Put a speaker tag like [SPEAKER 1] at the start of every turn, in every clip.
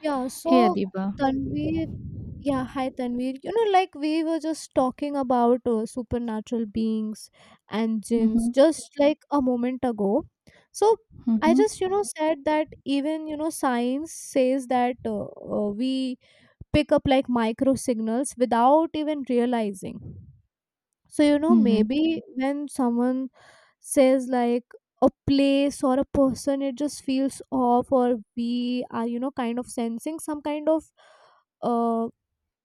[SPEAKER 1] Yeah,
[SPEAKER 2] Hey Kaya
[SPEAKER 1] so
[SPEAKER 2] 'di ba?
[SPEAKER 1] Tanvir, yeah, hi Tanvir. You know, like we were just talking about supernatural beings and jinns
[SPEAKER 2] Mhm,
[SPEAKER 1] just like a moment ago. So I
[SPEAKER 2] mhm,
[SPEAKER 1] just, you know, said that even, you know, science says that we pick up like micro signals without even realizing. So, you know,
[SPEAKER 2] mhm,
[SPEAKER 1] maybe when someone says like a place or a person, it just feels off, or we are, you know, kind of sensing some kind of uh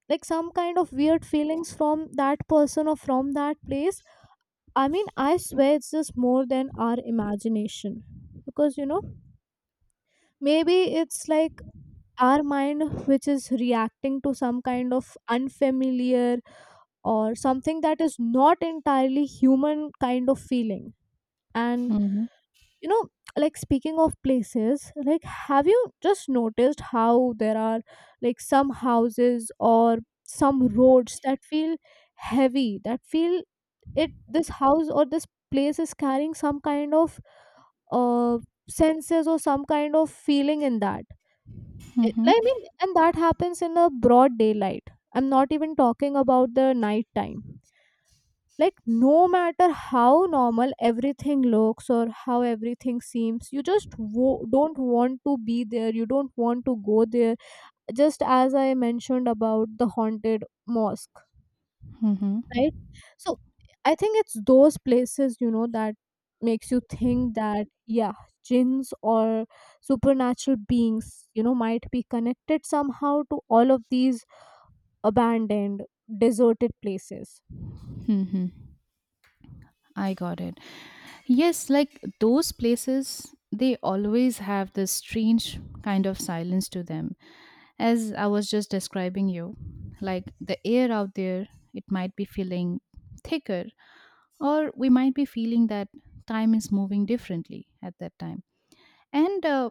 [SPEAKER 1] like some kind of weird feelings from that person or from that place. I mean, I swear it's just more than our imagination, because, you know, maybe it's like our mind which is reacting to some kind of unfamiliar or something that is not entirely human kind of feeling. And,
[SPEAKER 2] mhm,
[SPEAKER 1] you know, like, speaking of places, like, have you just noticed how there are like some houses or some roads that feel heavy, that feel it this house or this place is carrying some kind of uh senses or some kind of feeling in that it,
[SPEAKER 2] mhm,
[SPEAKER 1] I mean, and that happens in a broad daylight. I'm not even talking about the night time. Like, no matter how normal everything looks or how everything seems, you just don't want to be there, you don't want to go there, just as I mentioned about the haunted mosque,
[SPEAKER 2] mhm,
[SPEAKER 1] right? So I think it's those places, you know, that makes you think that, yeah, jinns or supernatural beings, you know, might be connected somehow to all of these abandoned, deserted places.
[SPEAKER 2] mhm. I got it. Yes, like those places, they always have this strange kind of silence to them. As I was just describing you, like the air out there, it might be feeling thicker, or we might be feeling that time is moving differently at that time. And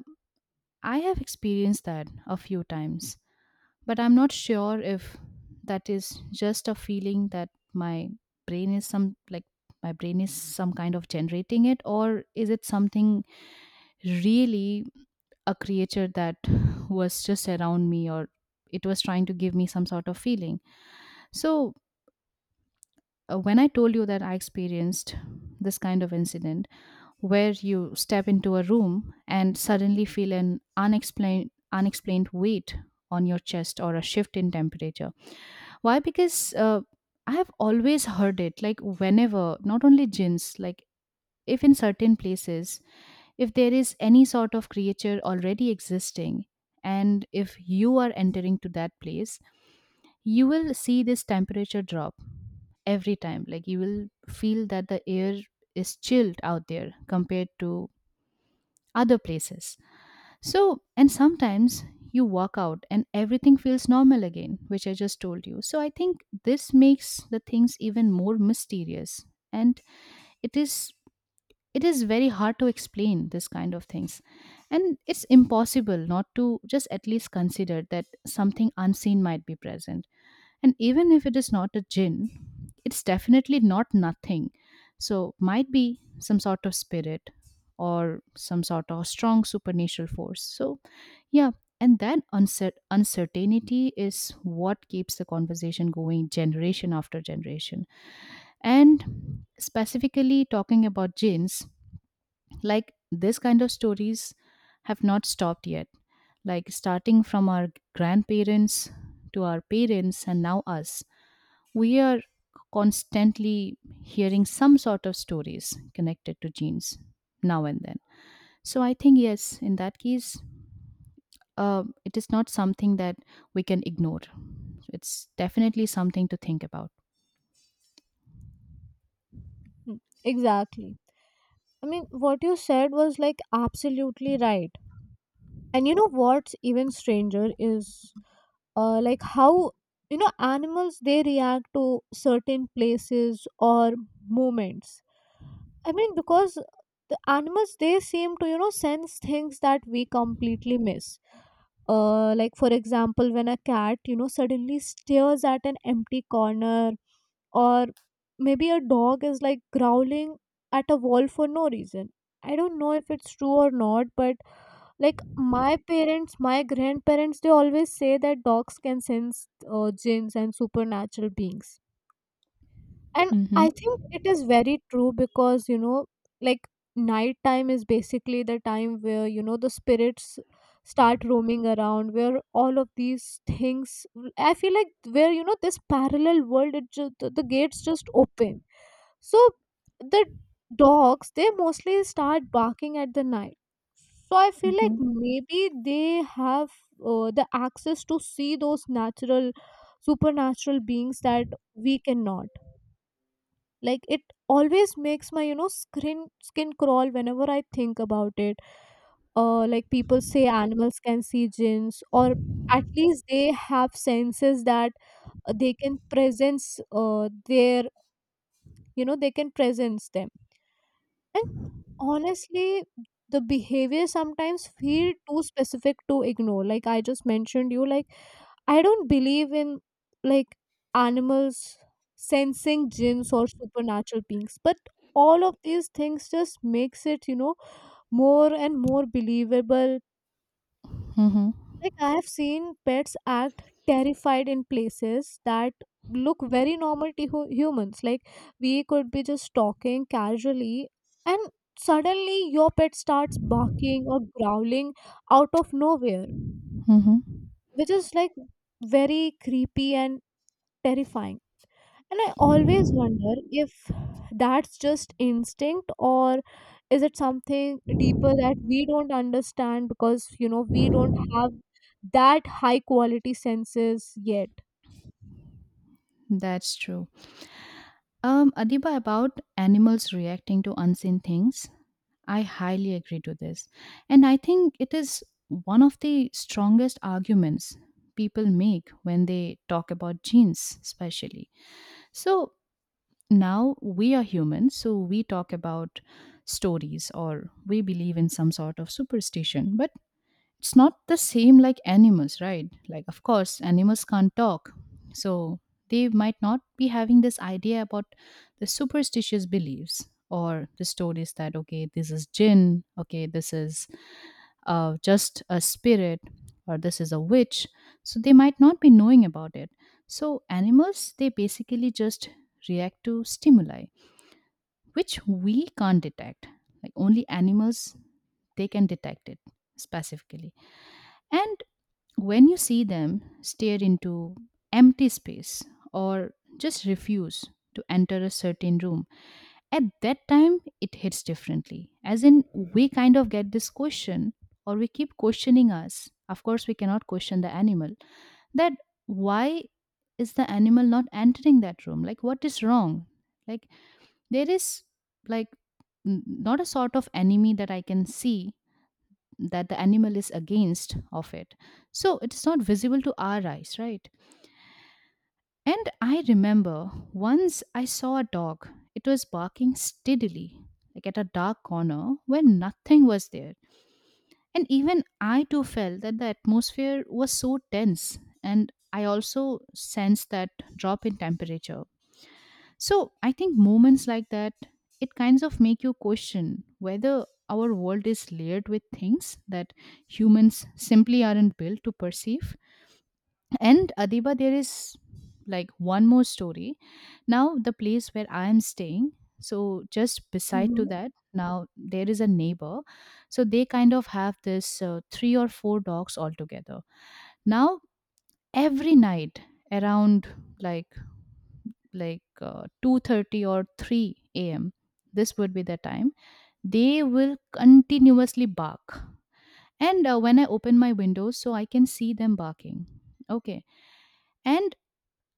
[SPEAKER 2] I have experienced that a few times. But I'm not sure if that is just a feeling that my brain is some like my brain is some kind of generating it, or is it something really a creature that was just around me, or it was trying to give me some sort of feeling. So, when I told you that I experienced this kind of incident where you step into a room and suddenly feel an unexplained weight on your chest or a shift in temperature. Why? Because I have always heard it, like whenever, not only jinns, like if in certain places, if there is any sort of creature already existing, and if you are entering to that place, you will see this temperature drop every time. Like you will feel that the air is chilled out there compared to other places. So, and sometimes you walk out and everything feels normal again, which I just told you. So, I think this makes the things even more mysterious, and it is it is very hard to explain this kind of things, and it's impossible not to just at least consider that something unseen might be present. And even if it is not a jinn, it's definitely not nothing. So might be some sort of spirit or some sort of strong supernatural force. So yeah, and that uncertainty is what keeps the conversation going generation after generation. And specifically talking about jinns, like this kind of stories have not stopped yet. Like starting from our grandparents to our parents and now us, we are constantly hearing some sort of stories connected to genes now and then. So I think yes, in that case, it is not something that we can ignore. It's definitely something to think about.
[SPEAKER 1] Hmm, exactly. I mean, what you said was like absolutely right. And you know what's even stranger is like how, you know, animals they react to certain places or moments. I mean, because the animals they seem to, you know, sense things that we completely miss. Like, for example, when a cat, you know, suddenly stares at an empty corner, or maybe a dog is like growling at a wall for no reason. I don't know if it's true or not, but like my parents, my grandparents, they always say that dogs can sense jinns and supernatural beings. And I
[SPEAKER 2] Mm-hmm.
[SPEAKER 1] think it is very true because, you know, like, night time is basically the time where, you know, the spirits start roaming around, where all of these things, I feel like, where, you know, this parallel world, it just, the gates just open. So the dogs they mostly start barking at the night. So I feel like
[SPEAKER 2] Mm-hmm.
[SPEAKER 1] maybe they have the access to see those natural supernatural beings that we cannot. Like, it always makes my, you know, skin crawl whenever I think about it. Like, people say animals can see jinns, or at least they have senses that they can presence their, you know, they can presence them. And honestly, the behavior sometimes feel too specific to ignore. Like I just mentioned you, like, I don't believe in like animals sensing gins or supernatural beings, but all of these things just makes it, you know, more and more believable.
[SPEAKER 2] Mm-hmm.
[SPEAKER 1] Like, I have seen pets act terrified in places that look very normal to humans. Like, we could be just talking casually and suddenly your pet starts barking or growling out of nowhere,
[SPEAKER 2] Mm-hmm.
[SPEAKER 1] which is like very creepy and terrifying. And I always wonder if that's just instinct or is it something deeper that we don't understand, because, you know, we don't have that high quality senses yet.
[SPEAKER 2] That's true. Adiba, about animals reacting to unseen things, I highly agree to this. And I think it is one of the strongest arguments people make when they talk about genes, especially. So, now we are humans so we talk about stories or we believe in some sort of superstition, but it's not the same like animals, right? Like of course animals can't talk, so they might not be having this idea about the superstitious beliefs or the stories that okay, this is jinn, okay, this is just a spirit or this is a witch. So they might not be knowing about it. So animals, they basically just react to stimuli which we can't detect. Like only animals, they can detect it specifically. And when you see them stare into empty space, or just refuse to enter a certain room, at that time it hits differently. As in, we kind of get this question, or we keep questioning us. Of course, we cannot question the animal that why is the animal not entering that room? Like, what is wrong? Like, there is like not a sort of enemy that I can see that the animal is against of it. So it is not visible to our eyes, right? And I remember once I saw a dog, it was barking steadily like at a dark corner where nothing was there. And even I too felt that the atmosphere was so tense, and I also sensed that drop in temperature. So I think moments like that, it kinds of make you question whether our world is layered with things that humans simply aren't built to perceive. And Adiba, there is like one more story. Now the place where I am staying, so just beside
[SPEAKER 1] Hmm.
[SPEAKER 2] to that, now there is a neighbor. So they kind of have this three or four dogs altogether. Now every night around like like 2:30 or 3 a.m. This would be the time. They will continuously bark. And when I open my windows so I can see them barking. Okay. And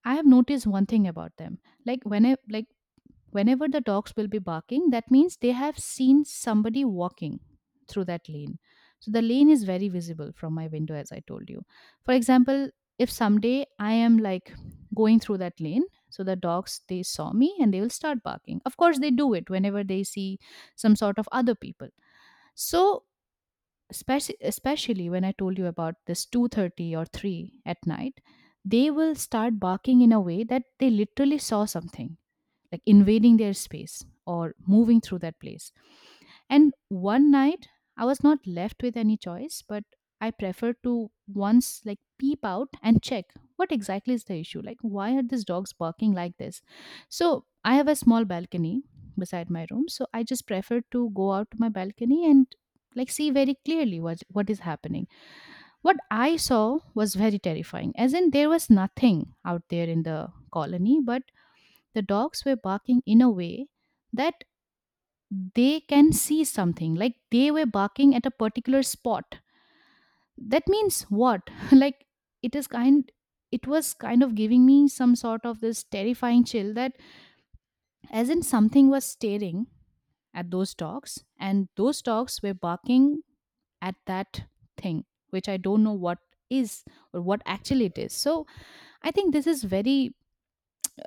[SPEAKER 2] I have noticed one thing about them. Like when I like Whenever the dogs will be barking, that means they have seen somebody walking through that lane. So the lane is very visible from my window, as I told you. For example, if someday I am like going through that lane, so the dogs they saw me and they will start barking. Of course, they do it whenever they see some sort of other people. So especially when I told you about this 2:30 or three at night, they will start barking in a way that they literally saw something like invading their space or moving through that place. And one night, I was not left with any choice, but I preferred to once like peep out and check what exactly is the issue. Like, why are these dogs barking like this? So, I have a small balcony beside my room. So, I just preferred to go out to my balcony and like see very clearly what is happening, what I saw was very terrifying. As in there was nothing out there in the colony, but the dogs were barking in a way that they can see something, like they were barking at a particular spot. That means what? Like it is kind it was kind of giving me some sort of this terrifying chill that as in something was staring at those dogs and those dogs were barking at that thing, which I don't know what is or what actually it is. So I think this is very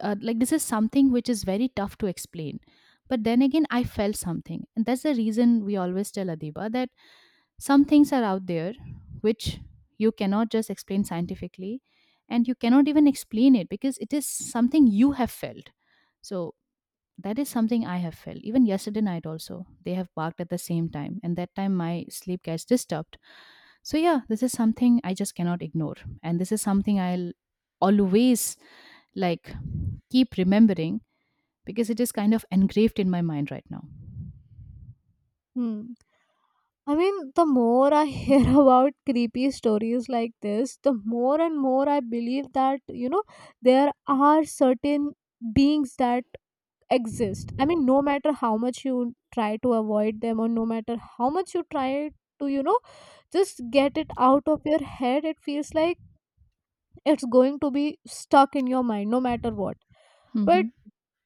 [SPEAKER 2] like this is something which is very tough to explain. But then again I felt something, and that's the reason we always tell Adiba that some things are out there which you cannot just explain scientifically, and you cannot even explain it because it is something you have felt. So that is something I have felt. Even yesterday night also they have barked at the same time, and that time my sleep gets disturbed. So yeah, this is something I just cannot ignore. And this is something I'll always like keep remembering because it is kind of engraved in my mind right now.
[SPEAKER 1] Hmm. I mean, the more I hear about creepy stories like this, the more and more I believe that, you know, there are certain beings that exist. I mean, no matter how much you try to avoid them, or no matter how much you try to, you know, just get it out of your head, it feels like it's going to be stuck in your mind no matter what. But
[SPEAKER 2] Mm-hmm.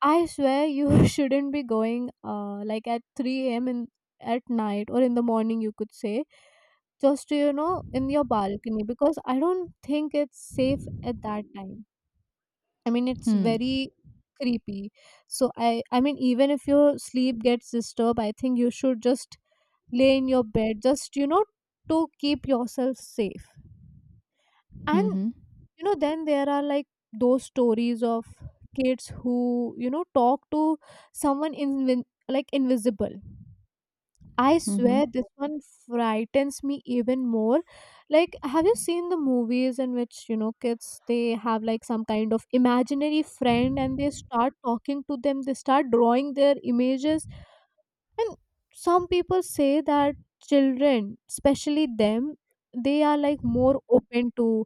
[SPEAKER 1] I swear you shouldn't be going like at 3 a.m. in at night or in the morning, you could say, just to, you know, in your balcony, because I don't think it's safe at that time. I mean, it's
[SPEAKER 2] Hmm.
[SPEAKER 1] very creepy. So I mean, even if your sleep gets disturbed, I think you should just lay in your bed, just, you know, to keep yourself safe. And,
[SPEAKER 2] Mm-hmm.
[SPEAKER 1] you know, then there are like those stories of kids who, you know, talk to someone in like invisible. I
[SPEAKER 2] Mm-hmm.
[SPEAKER 1] swear this one frightens me even more. Like, have you seen the movies in which, you know, kids they have like some kind of imaginary friend and they start talking to them, they start drawing their images. And some people say that children, especially them, they are like more open to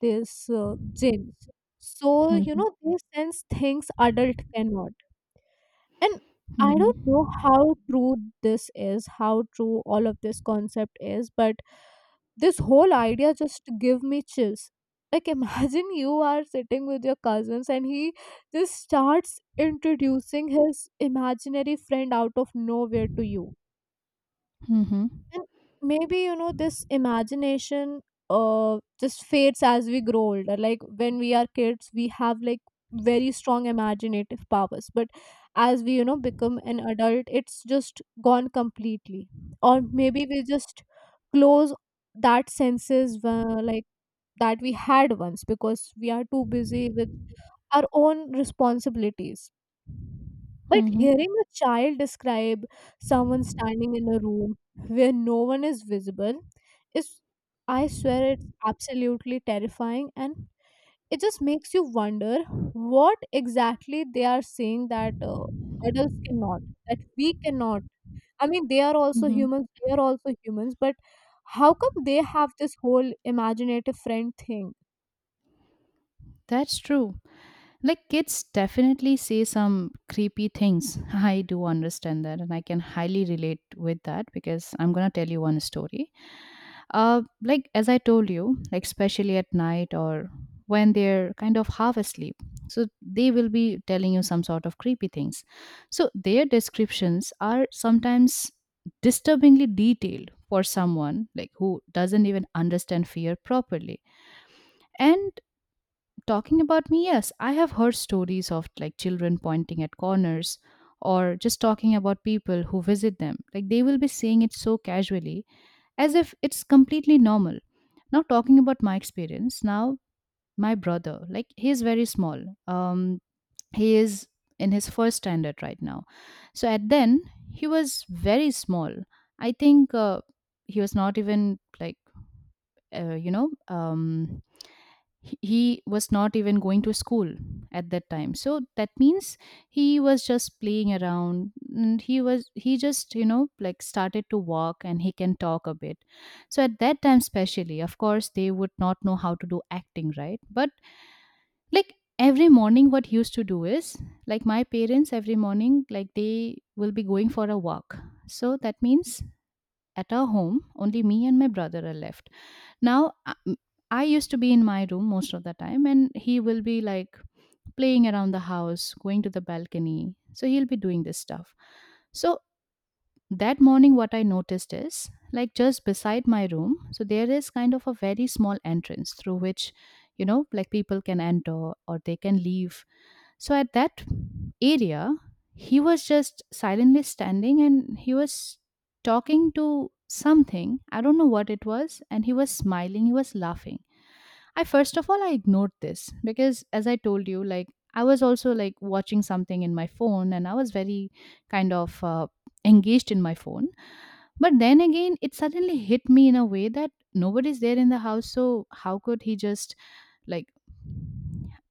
[SPEAKER 1] this genes. So, you
[SPEAKER 2] Mm-hmm.
[SPEAKER 1] know, they sense things adult cannot. And I don't know
[SPEAKER 2] Mm-hmm.
[SPEAKER 1] how true this is, how true all of this concept is, but this whole idea just give me chills. Like, imagine you are sitting with your cousins and he just starts introducing his imaginary friend out of nowhere to you,
[SPEAKER 2] Mm-hmm.
[SPEAKER 1] and maybe, you know, this imagination just fades as we grow older. Like, when we are kids, we have like very strong imaginative powers. But as we, you know, become an adult, it's just gone completely. Or maybe we just close that senses like that we had once, because we are too busy with our own responsibilities. But hearing a child describe someone standing in a room where no one is visible is, I swear, it's absolutely terrifying. And it just makes you wonder what exactly they are saying that adults cannot, that we cannot. I mean, they are also
[SPEAKER 2] Mm-hmm.
[SPEAKER 1] humans, we are also humans, but how come they have this whole imaginative friend thing?
[SPEAKER 2] That's true. Like kids definitely say some creepy things. I do understand that, and I can highly relate with that because I'm gonna tell you one story. Like as I told you, like especially at night or when they're kind of half asleep, so they will be telling you some sort of creepy things. So their descriptions are sometimes disturbingly detailed for someone like who doesn't even understand fear properly. And talking about me, yes, I have heard stories of like children pointing at corners or just talking about people who visit them. Like they will be saying it so casually as if it's completely normal. Now, talking about my experience, now my brother, like he's very small. He is in his first standard right now. So at then, he was very small. I think he was not even like, uh, you know, um, he was not even going to school at that time. So that means he was just playing around, and he just you know like started to walk and he can talk a bit. So at that time especially, of course they would not know how to do acting, right? But like every morning what he used to do is like my parents every morning, like they will be going for a walk. So that means at our home only me and my brother are left. Now, I used to be in my room most of the time, and he will be like playing around the house, going to the balcony. So he'll be doing this stuff. So that morning, what I noticed is like just beside my room, so there is kind of a very small entrance through which, you know, like people can enter or they can leave. So at that area, he was just silently standing and he was talking to something. I don't know what it was. And he was smiling, he was laughing. I first of all I ignored this because as I told you like I was also like watching something in my phone, and I was very kind of engaged in my phone. But then again, it suddenly hit me in a way that nobody's there in the house, so how could he just like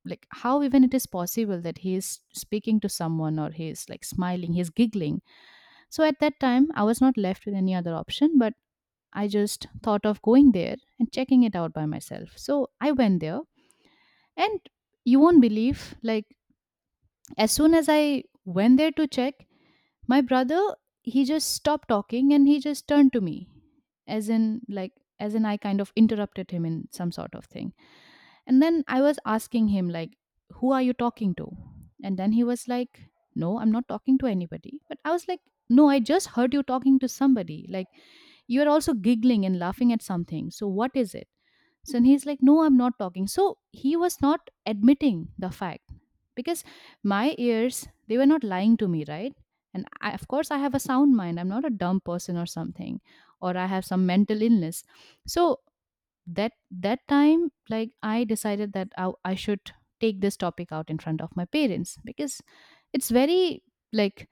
[SPEAKER 2] like how even it is possible that he is speaking to someone, or he is like smiling, he's giggling. So at that time I was not left with any other option, but I just thought of going there and checking it out by myself, so I went there. And you won't believe, like, as soon as I went there to check, my brother, he just stopped talking and he just turned to me, as in, like, as in I kind of interrupted him in some sort of thing. And then I was asking him, like, who are you talking to? And then he was like, no, I'm not talking to anybody. But I was like, no, I just heard you talking to somebody. Like, you're also giggling and laughing at something. So, what is it? So and he's like, no, I'm not talking. So he was not admitting the fact, because my ears, they were not lying to me, right? And I, of course, I have a sound mind. I'm not a dumb person or something, or I have some mental illness. So that time, like I decided that I should take this topic out in front of my parents because it's very like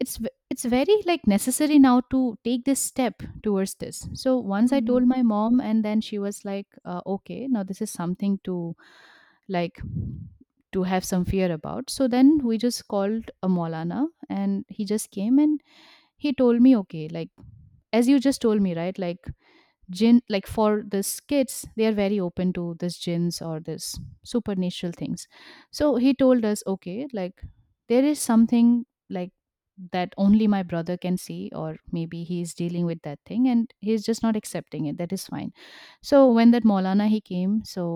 [SPEAKER 2] it's very like necessary now to take this step towards this. So once I
[SPEAKER 1] Mhm.
[SPEAKER 2] told my mom, and then she was like okay, now this is something to like to have some fear about. So then we just called a maulana, and he just came and he told me, okay, like, as you just told me, right, like, jinn, like, for these kids, they are very open to this, jinns or this supernatural things. So he told us, okay, like, there is something like that only my brother can see, or maybe he is dealing with that thing and he's just not accepting it, that is fine. So when that maulana he came, so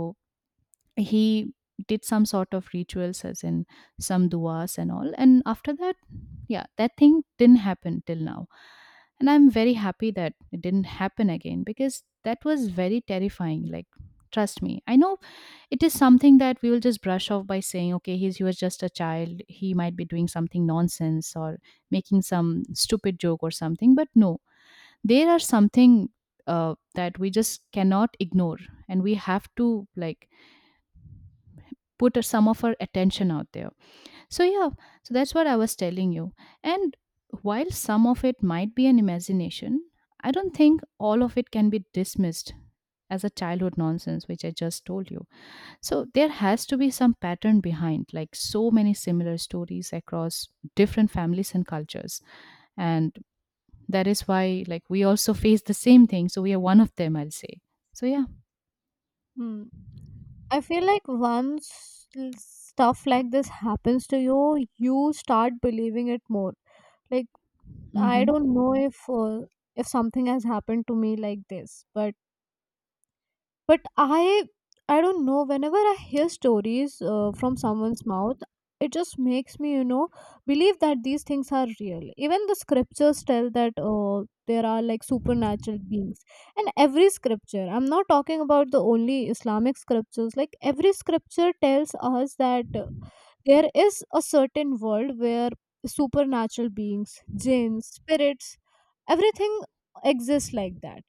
[SPEAKER 2] he did some sort of rituals, as in some duas and all. And after that, yeah, that thing didn't happen till now, and I'm very happy that it didn't happen again, because that was very terrifying. Like, trust me, I know it is something that we will just brush off by saying, okay, he was just a child, he might be doing something nonsense or making some stupid joke or something. But no, there are something that we just cannot ignore, and we have to like put some of our attention out there. So, yeah, so that's what I was telling you. And while some of it might be an imagination, I don't think all of it can be dismissed as a childhood nonsense, which I just told you. So, there has to be some pattern behind, like so many similar stories across different families and cultures. And that is why, like, we also face the same thing. So, we are one of them, I'll say. So, yeah.
[SPEAKER 1] Hmm. I feel like once stuff like this happens to you, you start believing it more. Like,
[SPEAKER 2] Mm
[SPEAKER 1] I
[SPEAKER 2] hmm.
[SPEAKER 1] don't know if something has happened to me like this, but I don't know, whenever I hear stories from someone's mouth, it just makes me, you know, believe that these things are real. Even the scriptures tell that there are like supernatural beings, and every scripture, I'm not talking about the only Islamic scriptures, like every scripture tells us that there is a certain world where supernatural beings, jinns, spirits, everything exists like that.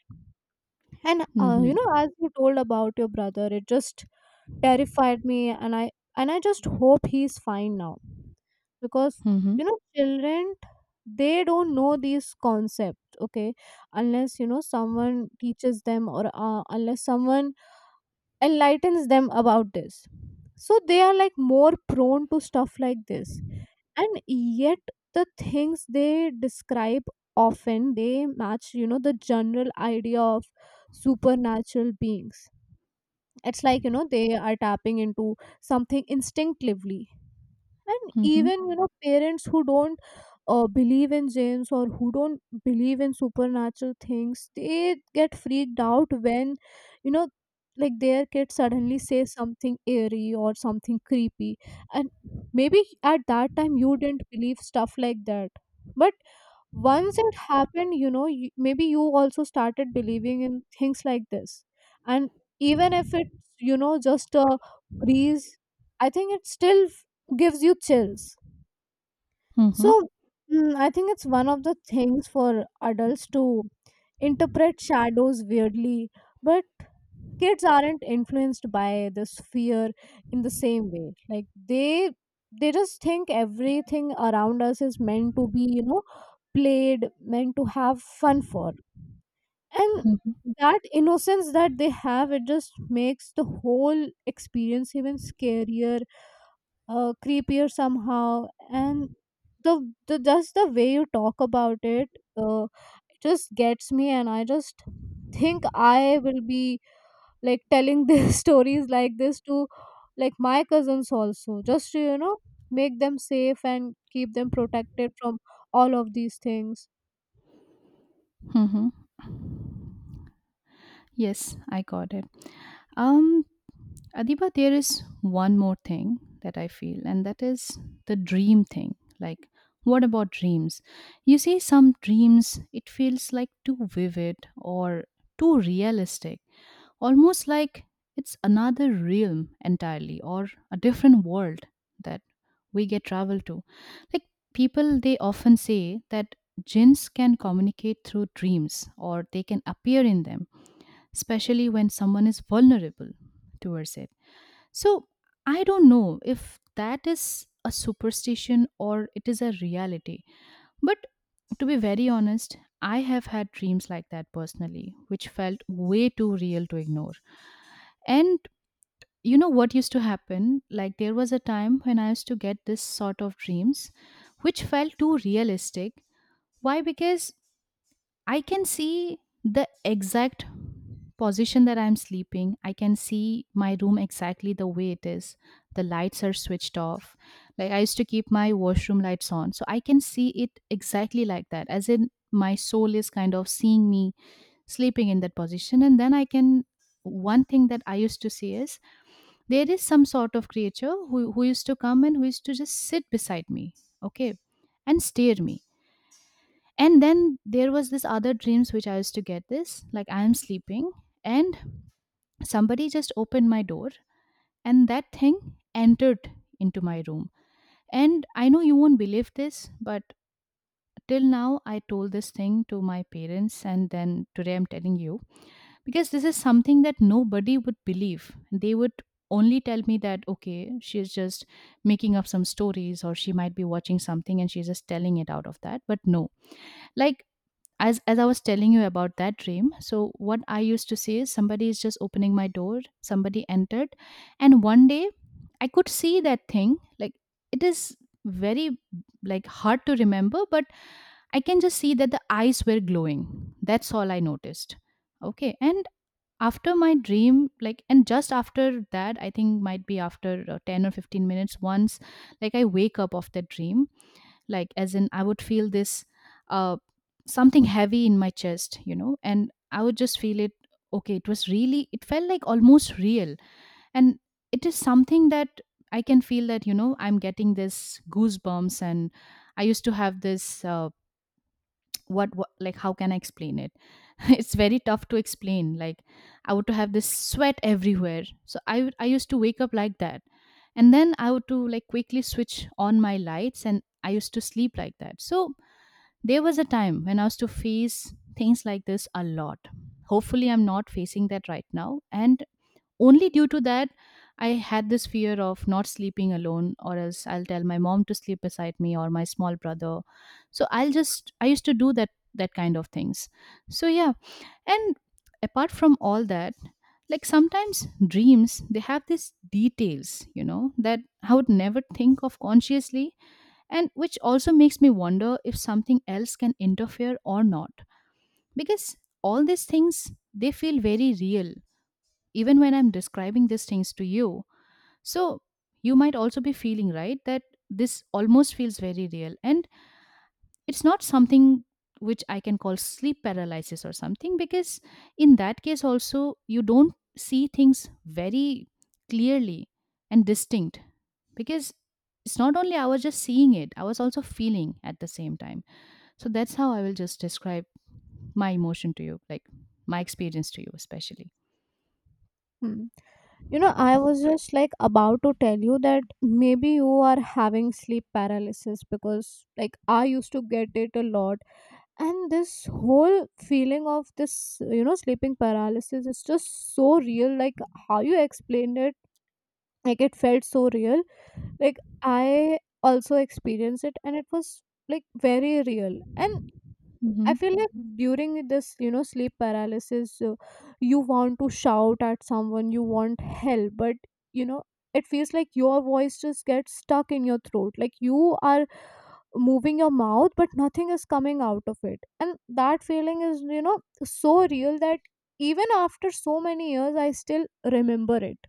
[SPEAKER 1] And
[SPEAKER 2] Mm
[SPEAKER 1] you
[SPEAKER 2] hmm.
[SPEAKER 1] know, as you told about your brother, it just terrified me, and I just hope he's fine now, because,
[SPEAKER 2] Mm hmm.
[SPEAKER 1] you know, children, they don't know these concepts, okay, unless, you know, someone teaches them, or unless someone enlightens them about this. So they are like more prone to stuff like this, and yet the things they describe, often they match, you know, the general idea of supernatural beings. It's like, you know, they are tapping into something instinctively. And even, you know, parents who don't believe in jains or who don't believe in supernatural things, they get freaked out when, you know, like their kid suddenly says something eerie or something creepy. And maybe at that time you didn't believe stuff like that, but once it happened, you know, you, maybe you also started believing in things like this. And even if it's, you know, just a breeze, I think it still gives you chills.
[SPEAKER 2] Mm
[SPEAKER 1] So,
[SPEAKER 2] hmm.
[SPEAKER 1] mm, I think it's one of the things for adults to interpret shadows weirdly, but kids aren't influenced by this fear in the same way. Like, they they just think everything around us is meant to be, you know, played, meant to have fun for. And that innocence that they have, it just makes the whole experience even scarier, creepier somehow. And the just the way you talk about it, uh, it just gets me, and I just think I will be like telling these stories like this to like my cousins also, just to, you know, make them safe and keep them protected from all of these things.
[SPEAKER 2] Mm-hmm. Yes, I got it. Um, Adiba, there is one more thing that I feel, and that is the dream thing. Like, what about dreams? You see, some dreams, it feels like too vivid or too realistic, almost like it's another realm entirely or a different world that we get travel to. Like, people, they often say that jinns can communicate through dreams or they can appear in them, especially when someone is vulnerable towards it. So I don't know if that is a superstition or it is a reality. But to be very honest, I have had dreams like that personally, which felt way too real to ignore. And you know what used to happen? Like, there was a time when I used to get this sort of dreams, which felt too realistic. Why? Because I can see the exact position that I'm sleeping. I can see my room exactly the way it is. The lights are switched off. Like, I used to keep my washroom lights on. So I can see it exactly like that, as in my soul is kind of seeing me sleeping in that position. And then I can. One thing that I used to see is there is some sort of creature who used to come and who used to just sit beside me, okay, and stare me. And then there was this other dreams which I used to get, this like I am sleeping and somebody just opened my door, and that thing entered into my room. And I know you won't believe this, but till now I told this thing to my parents, and then today I'm telling you, because this is something that nobody would believe. They would only tell me that okay, she's just making up some stories, or she might be watching something and she's just telling it out of that. But no, like, as I was telling you about that dream, so what I used to see is somebody is just opening my door, somebody entered. And one day I could see that thing. Like, it is very like hard to remember, but I can just see that the eyes were glowing. That's all I noticed. Okay, and after my dream, like, and just after that, I think might be after 10 or 15 minutes, once like I wake up of that dream, like, as in I would feel this uh, something heavy in my chest, you know, and I would just feel it. Okay, it was really, it felt like almost real. And it is something that I can feel that, you know, I'm getting this goosebumps. And I used to have this what, like, how can I explain it? It's very tough to explain. Like, I would to have this sweat everywhere. So I used to wake up like that, and then I would to like quickly switch on my lights and I used to sleep like that. So there was a time when I was to face things like this a lot. Hopefully, I'm not facing that right now. And only due to that, I had this fear of not sleeping alone, or else I'll tell my mom to sleep beside me or my small brother. So I used to do that, that kind of things. So yeah. And apart from all that, like sometimes dreams, they have these details, you know, that I would never think of consciously, and which also makes me wonder if something else can interfere or not. Because all these things they feel very real, even when I'm describing these things to you. So you might also be feeling right that this almost feels very real. And it's not something which I can call sleep paralysis or something, because in that case also you don't see things very clearly and distinct, because it's not only I was just seeing it, I was also feeling at the same time. So that's how I will just describe my emotion to you, like my experience to you especially.
[SPEAKER 1] Hmm. You know, I was just like about to tell you that maybe you are having sleep paralysis, because like I used to get it a lot, and this whole feeling of this, you know, sleeping paralysis is just so real. Like, how you explained it, like, it felt so real. Like, I also experienced it and it was like very real. And I
[SPEAKER 2] Mhm.
[SPEAKER 1] feel like, Mhm, during this, you know, sleep paralysis, you want to shout at someone, you want help, but, you know, it feels like your voice just gets stuck in your throat. Like, you are moving your mouth, but nothing is coming out of it. And that feeling is, you know, so real that even after so many years, I still remember it.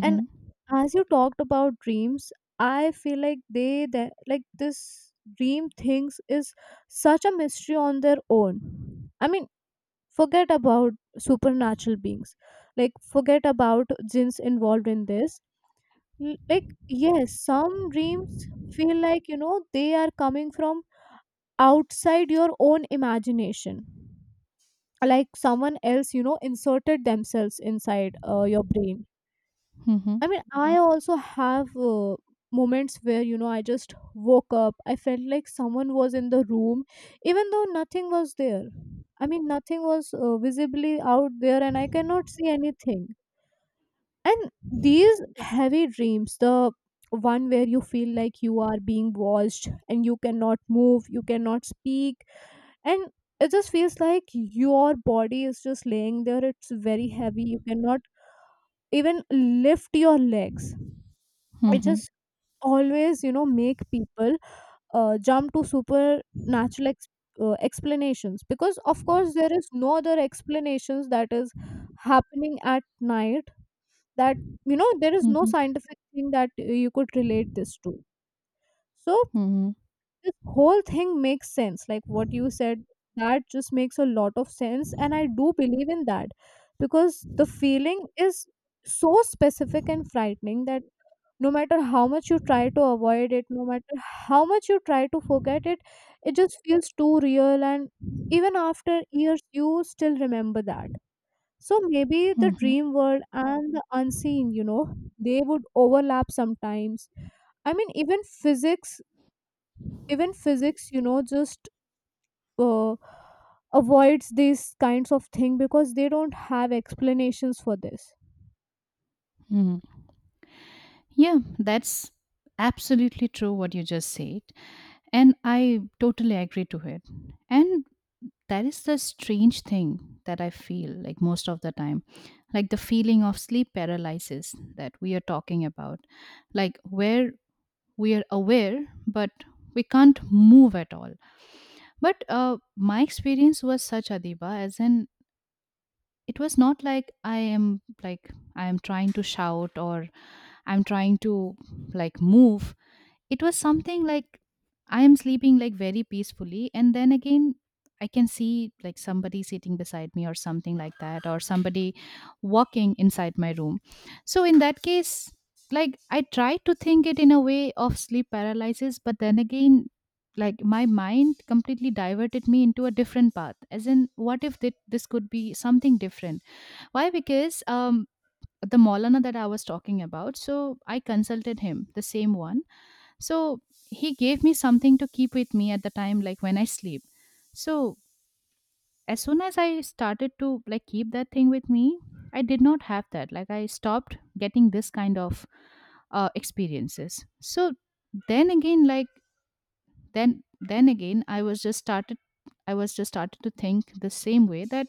[SPEAKER 1] And as you talked about dreams, I feel like they that like this dream things is such a mystery on their own. I mean, forget about supernatural beings. Like, forget about jinns involved in this. Like, yes, some dreams feel like, you know, they are coming from outside your own imagination. Like, someone else, you know, inserted themselves inside your brain.
[SPEAKER 2] Mhm.
[SPEAKER 1] I mean, I also have moments where, you know, I just woke up. I felt like someone was in the room, even though nothing was there. I mean, nothing was visibly out there, and I cannot see anything. And these heavy dreams, the one where you feel like you are being watched and you cannot move, you cannot speak, and it just feels like your body is just laying there. It's very heavy. You cannot even lift your legs. I
[SPEAKER 2] Mhm.
[SPEAKER 1] just always, you know, make people jump to supernatural explanations, because of course there is no other explanations that is happening at night, that, you know, there is no
[SPEAKER 2] Mhm.
[SPEAKER 1] scientific thing that you could relate this to. So
[SPEAKER 2] Mhm.
[SPEAKER 1] this whole thing makes sense, like what you said, that just makes a lot of sense, and I do believe in that, because the feeling is so specific and frightening that no matter how much you try to avoid it, no matter how much you try to forget it, it just feels too real, and even after years you still remember that. So maybe the
[SPEAKER 2] Mhm.
[SPEAKER 1] dream world and the unseen, you know, they would overlap sometimes. I mean, even physics, you know, just uh, avoids these kinds of thing because they don't have explanations for this.
[SPEAKER 2] Mhm. Yeah, that's absolutely true what you just said. And I totally agree to it. And that is the strange thing that I feel like most of the time. Like the feeling of sleep paralysis that we are talking about. Like, where we are aware, but we can't move at all. But my experience was such, Adiba, as in it was not like I am trying to shout or I'm trying to like move. It was something like I am sleeping like very peacefully, and then again, I can see like somebody sitting beside me or something like that, or somebody walking inside my room. So, in that case, like I try to think it in a way of sleep paralysis, but then again, like my mind completely diverted me into a different path, as in what if this could be something different. Why? Because the Maulana that I was talking about, so I consulted him, the same one. So he gave me something to keep with me at the time, like when I sleep. So as soon as I started to like keep that thing with me, I did not have that. Like, I stopped getting this kind of experiences. So then again, like, then again, I was just started to think the same way that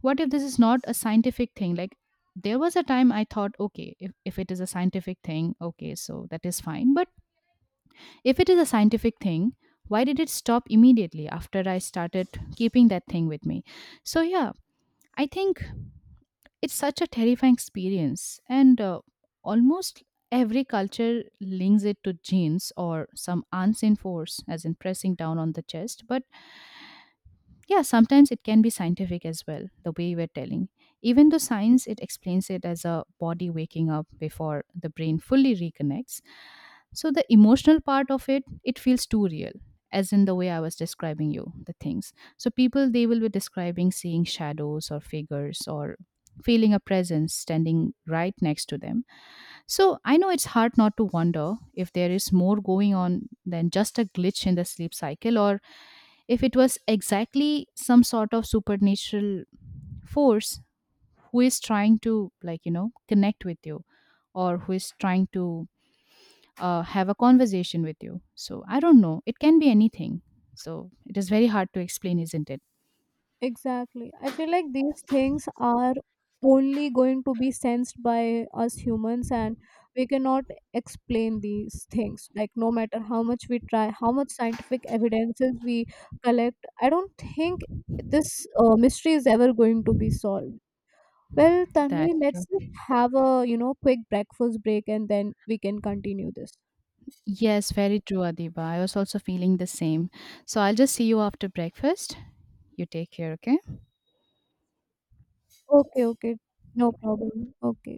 [SPEAKER 2] what if this is not a scientific thing? Like, there was a time I thought, okay, if it is a scientific thing, okay, so that is fine. But if it is a scientific thing, why did it stop immediately after I started keeping that thing with me? So, yeah, I think it's such a terrifying experience. And almost every culture links it to genes or some unseen force, as in pressing down on the chest. But yeah, sometimes it can be scientific as well, the way we're telling. Even though science, it explains it as a body waking up before the brain fully reconnects, so the emotional part of it, it feels too real. As in the way I was describing you the things, so people, they will be describing seeing shadows or figures, or feeling a presence standing right next to them. So I know it's hard not to wonder if there is more going on than just a glitch in the sleep cycle, or if it was exactly some sort of supernatural force who is trying to like, you know, connect with you, or who is trying to have a conversation with you. So I don't know, it can be anything. So it is very hard to explain, isn't it?
[SPEAKER 1] Exactly. I feel like these things are only going to be sensed by us humans, and we cannot explain these things. Like, no matter how much we try, how much scientific evidences we collect, I don't think this mystery is ever going to be solved. Well, Tanvi,
[SPEAKER 2] That's true.
[SPEAKER 1] let's just have a, you know, quick breakfast break, and then we can continue this.
[SPEAKER 2] Yes, very true, Adiba, I was also feeling the same. So I'll just see you after breakfast. You take care, okay?
[SPEAKER 1] Okay, okay. No problem. Okay.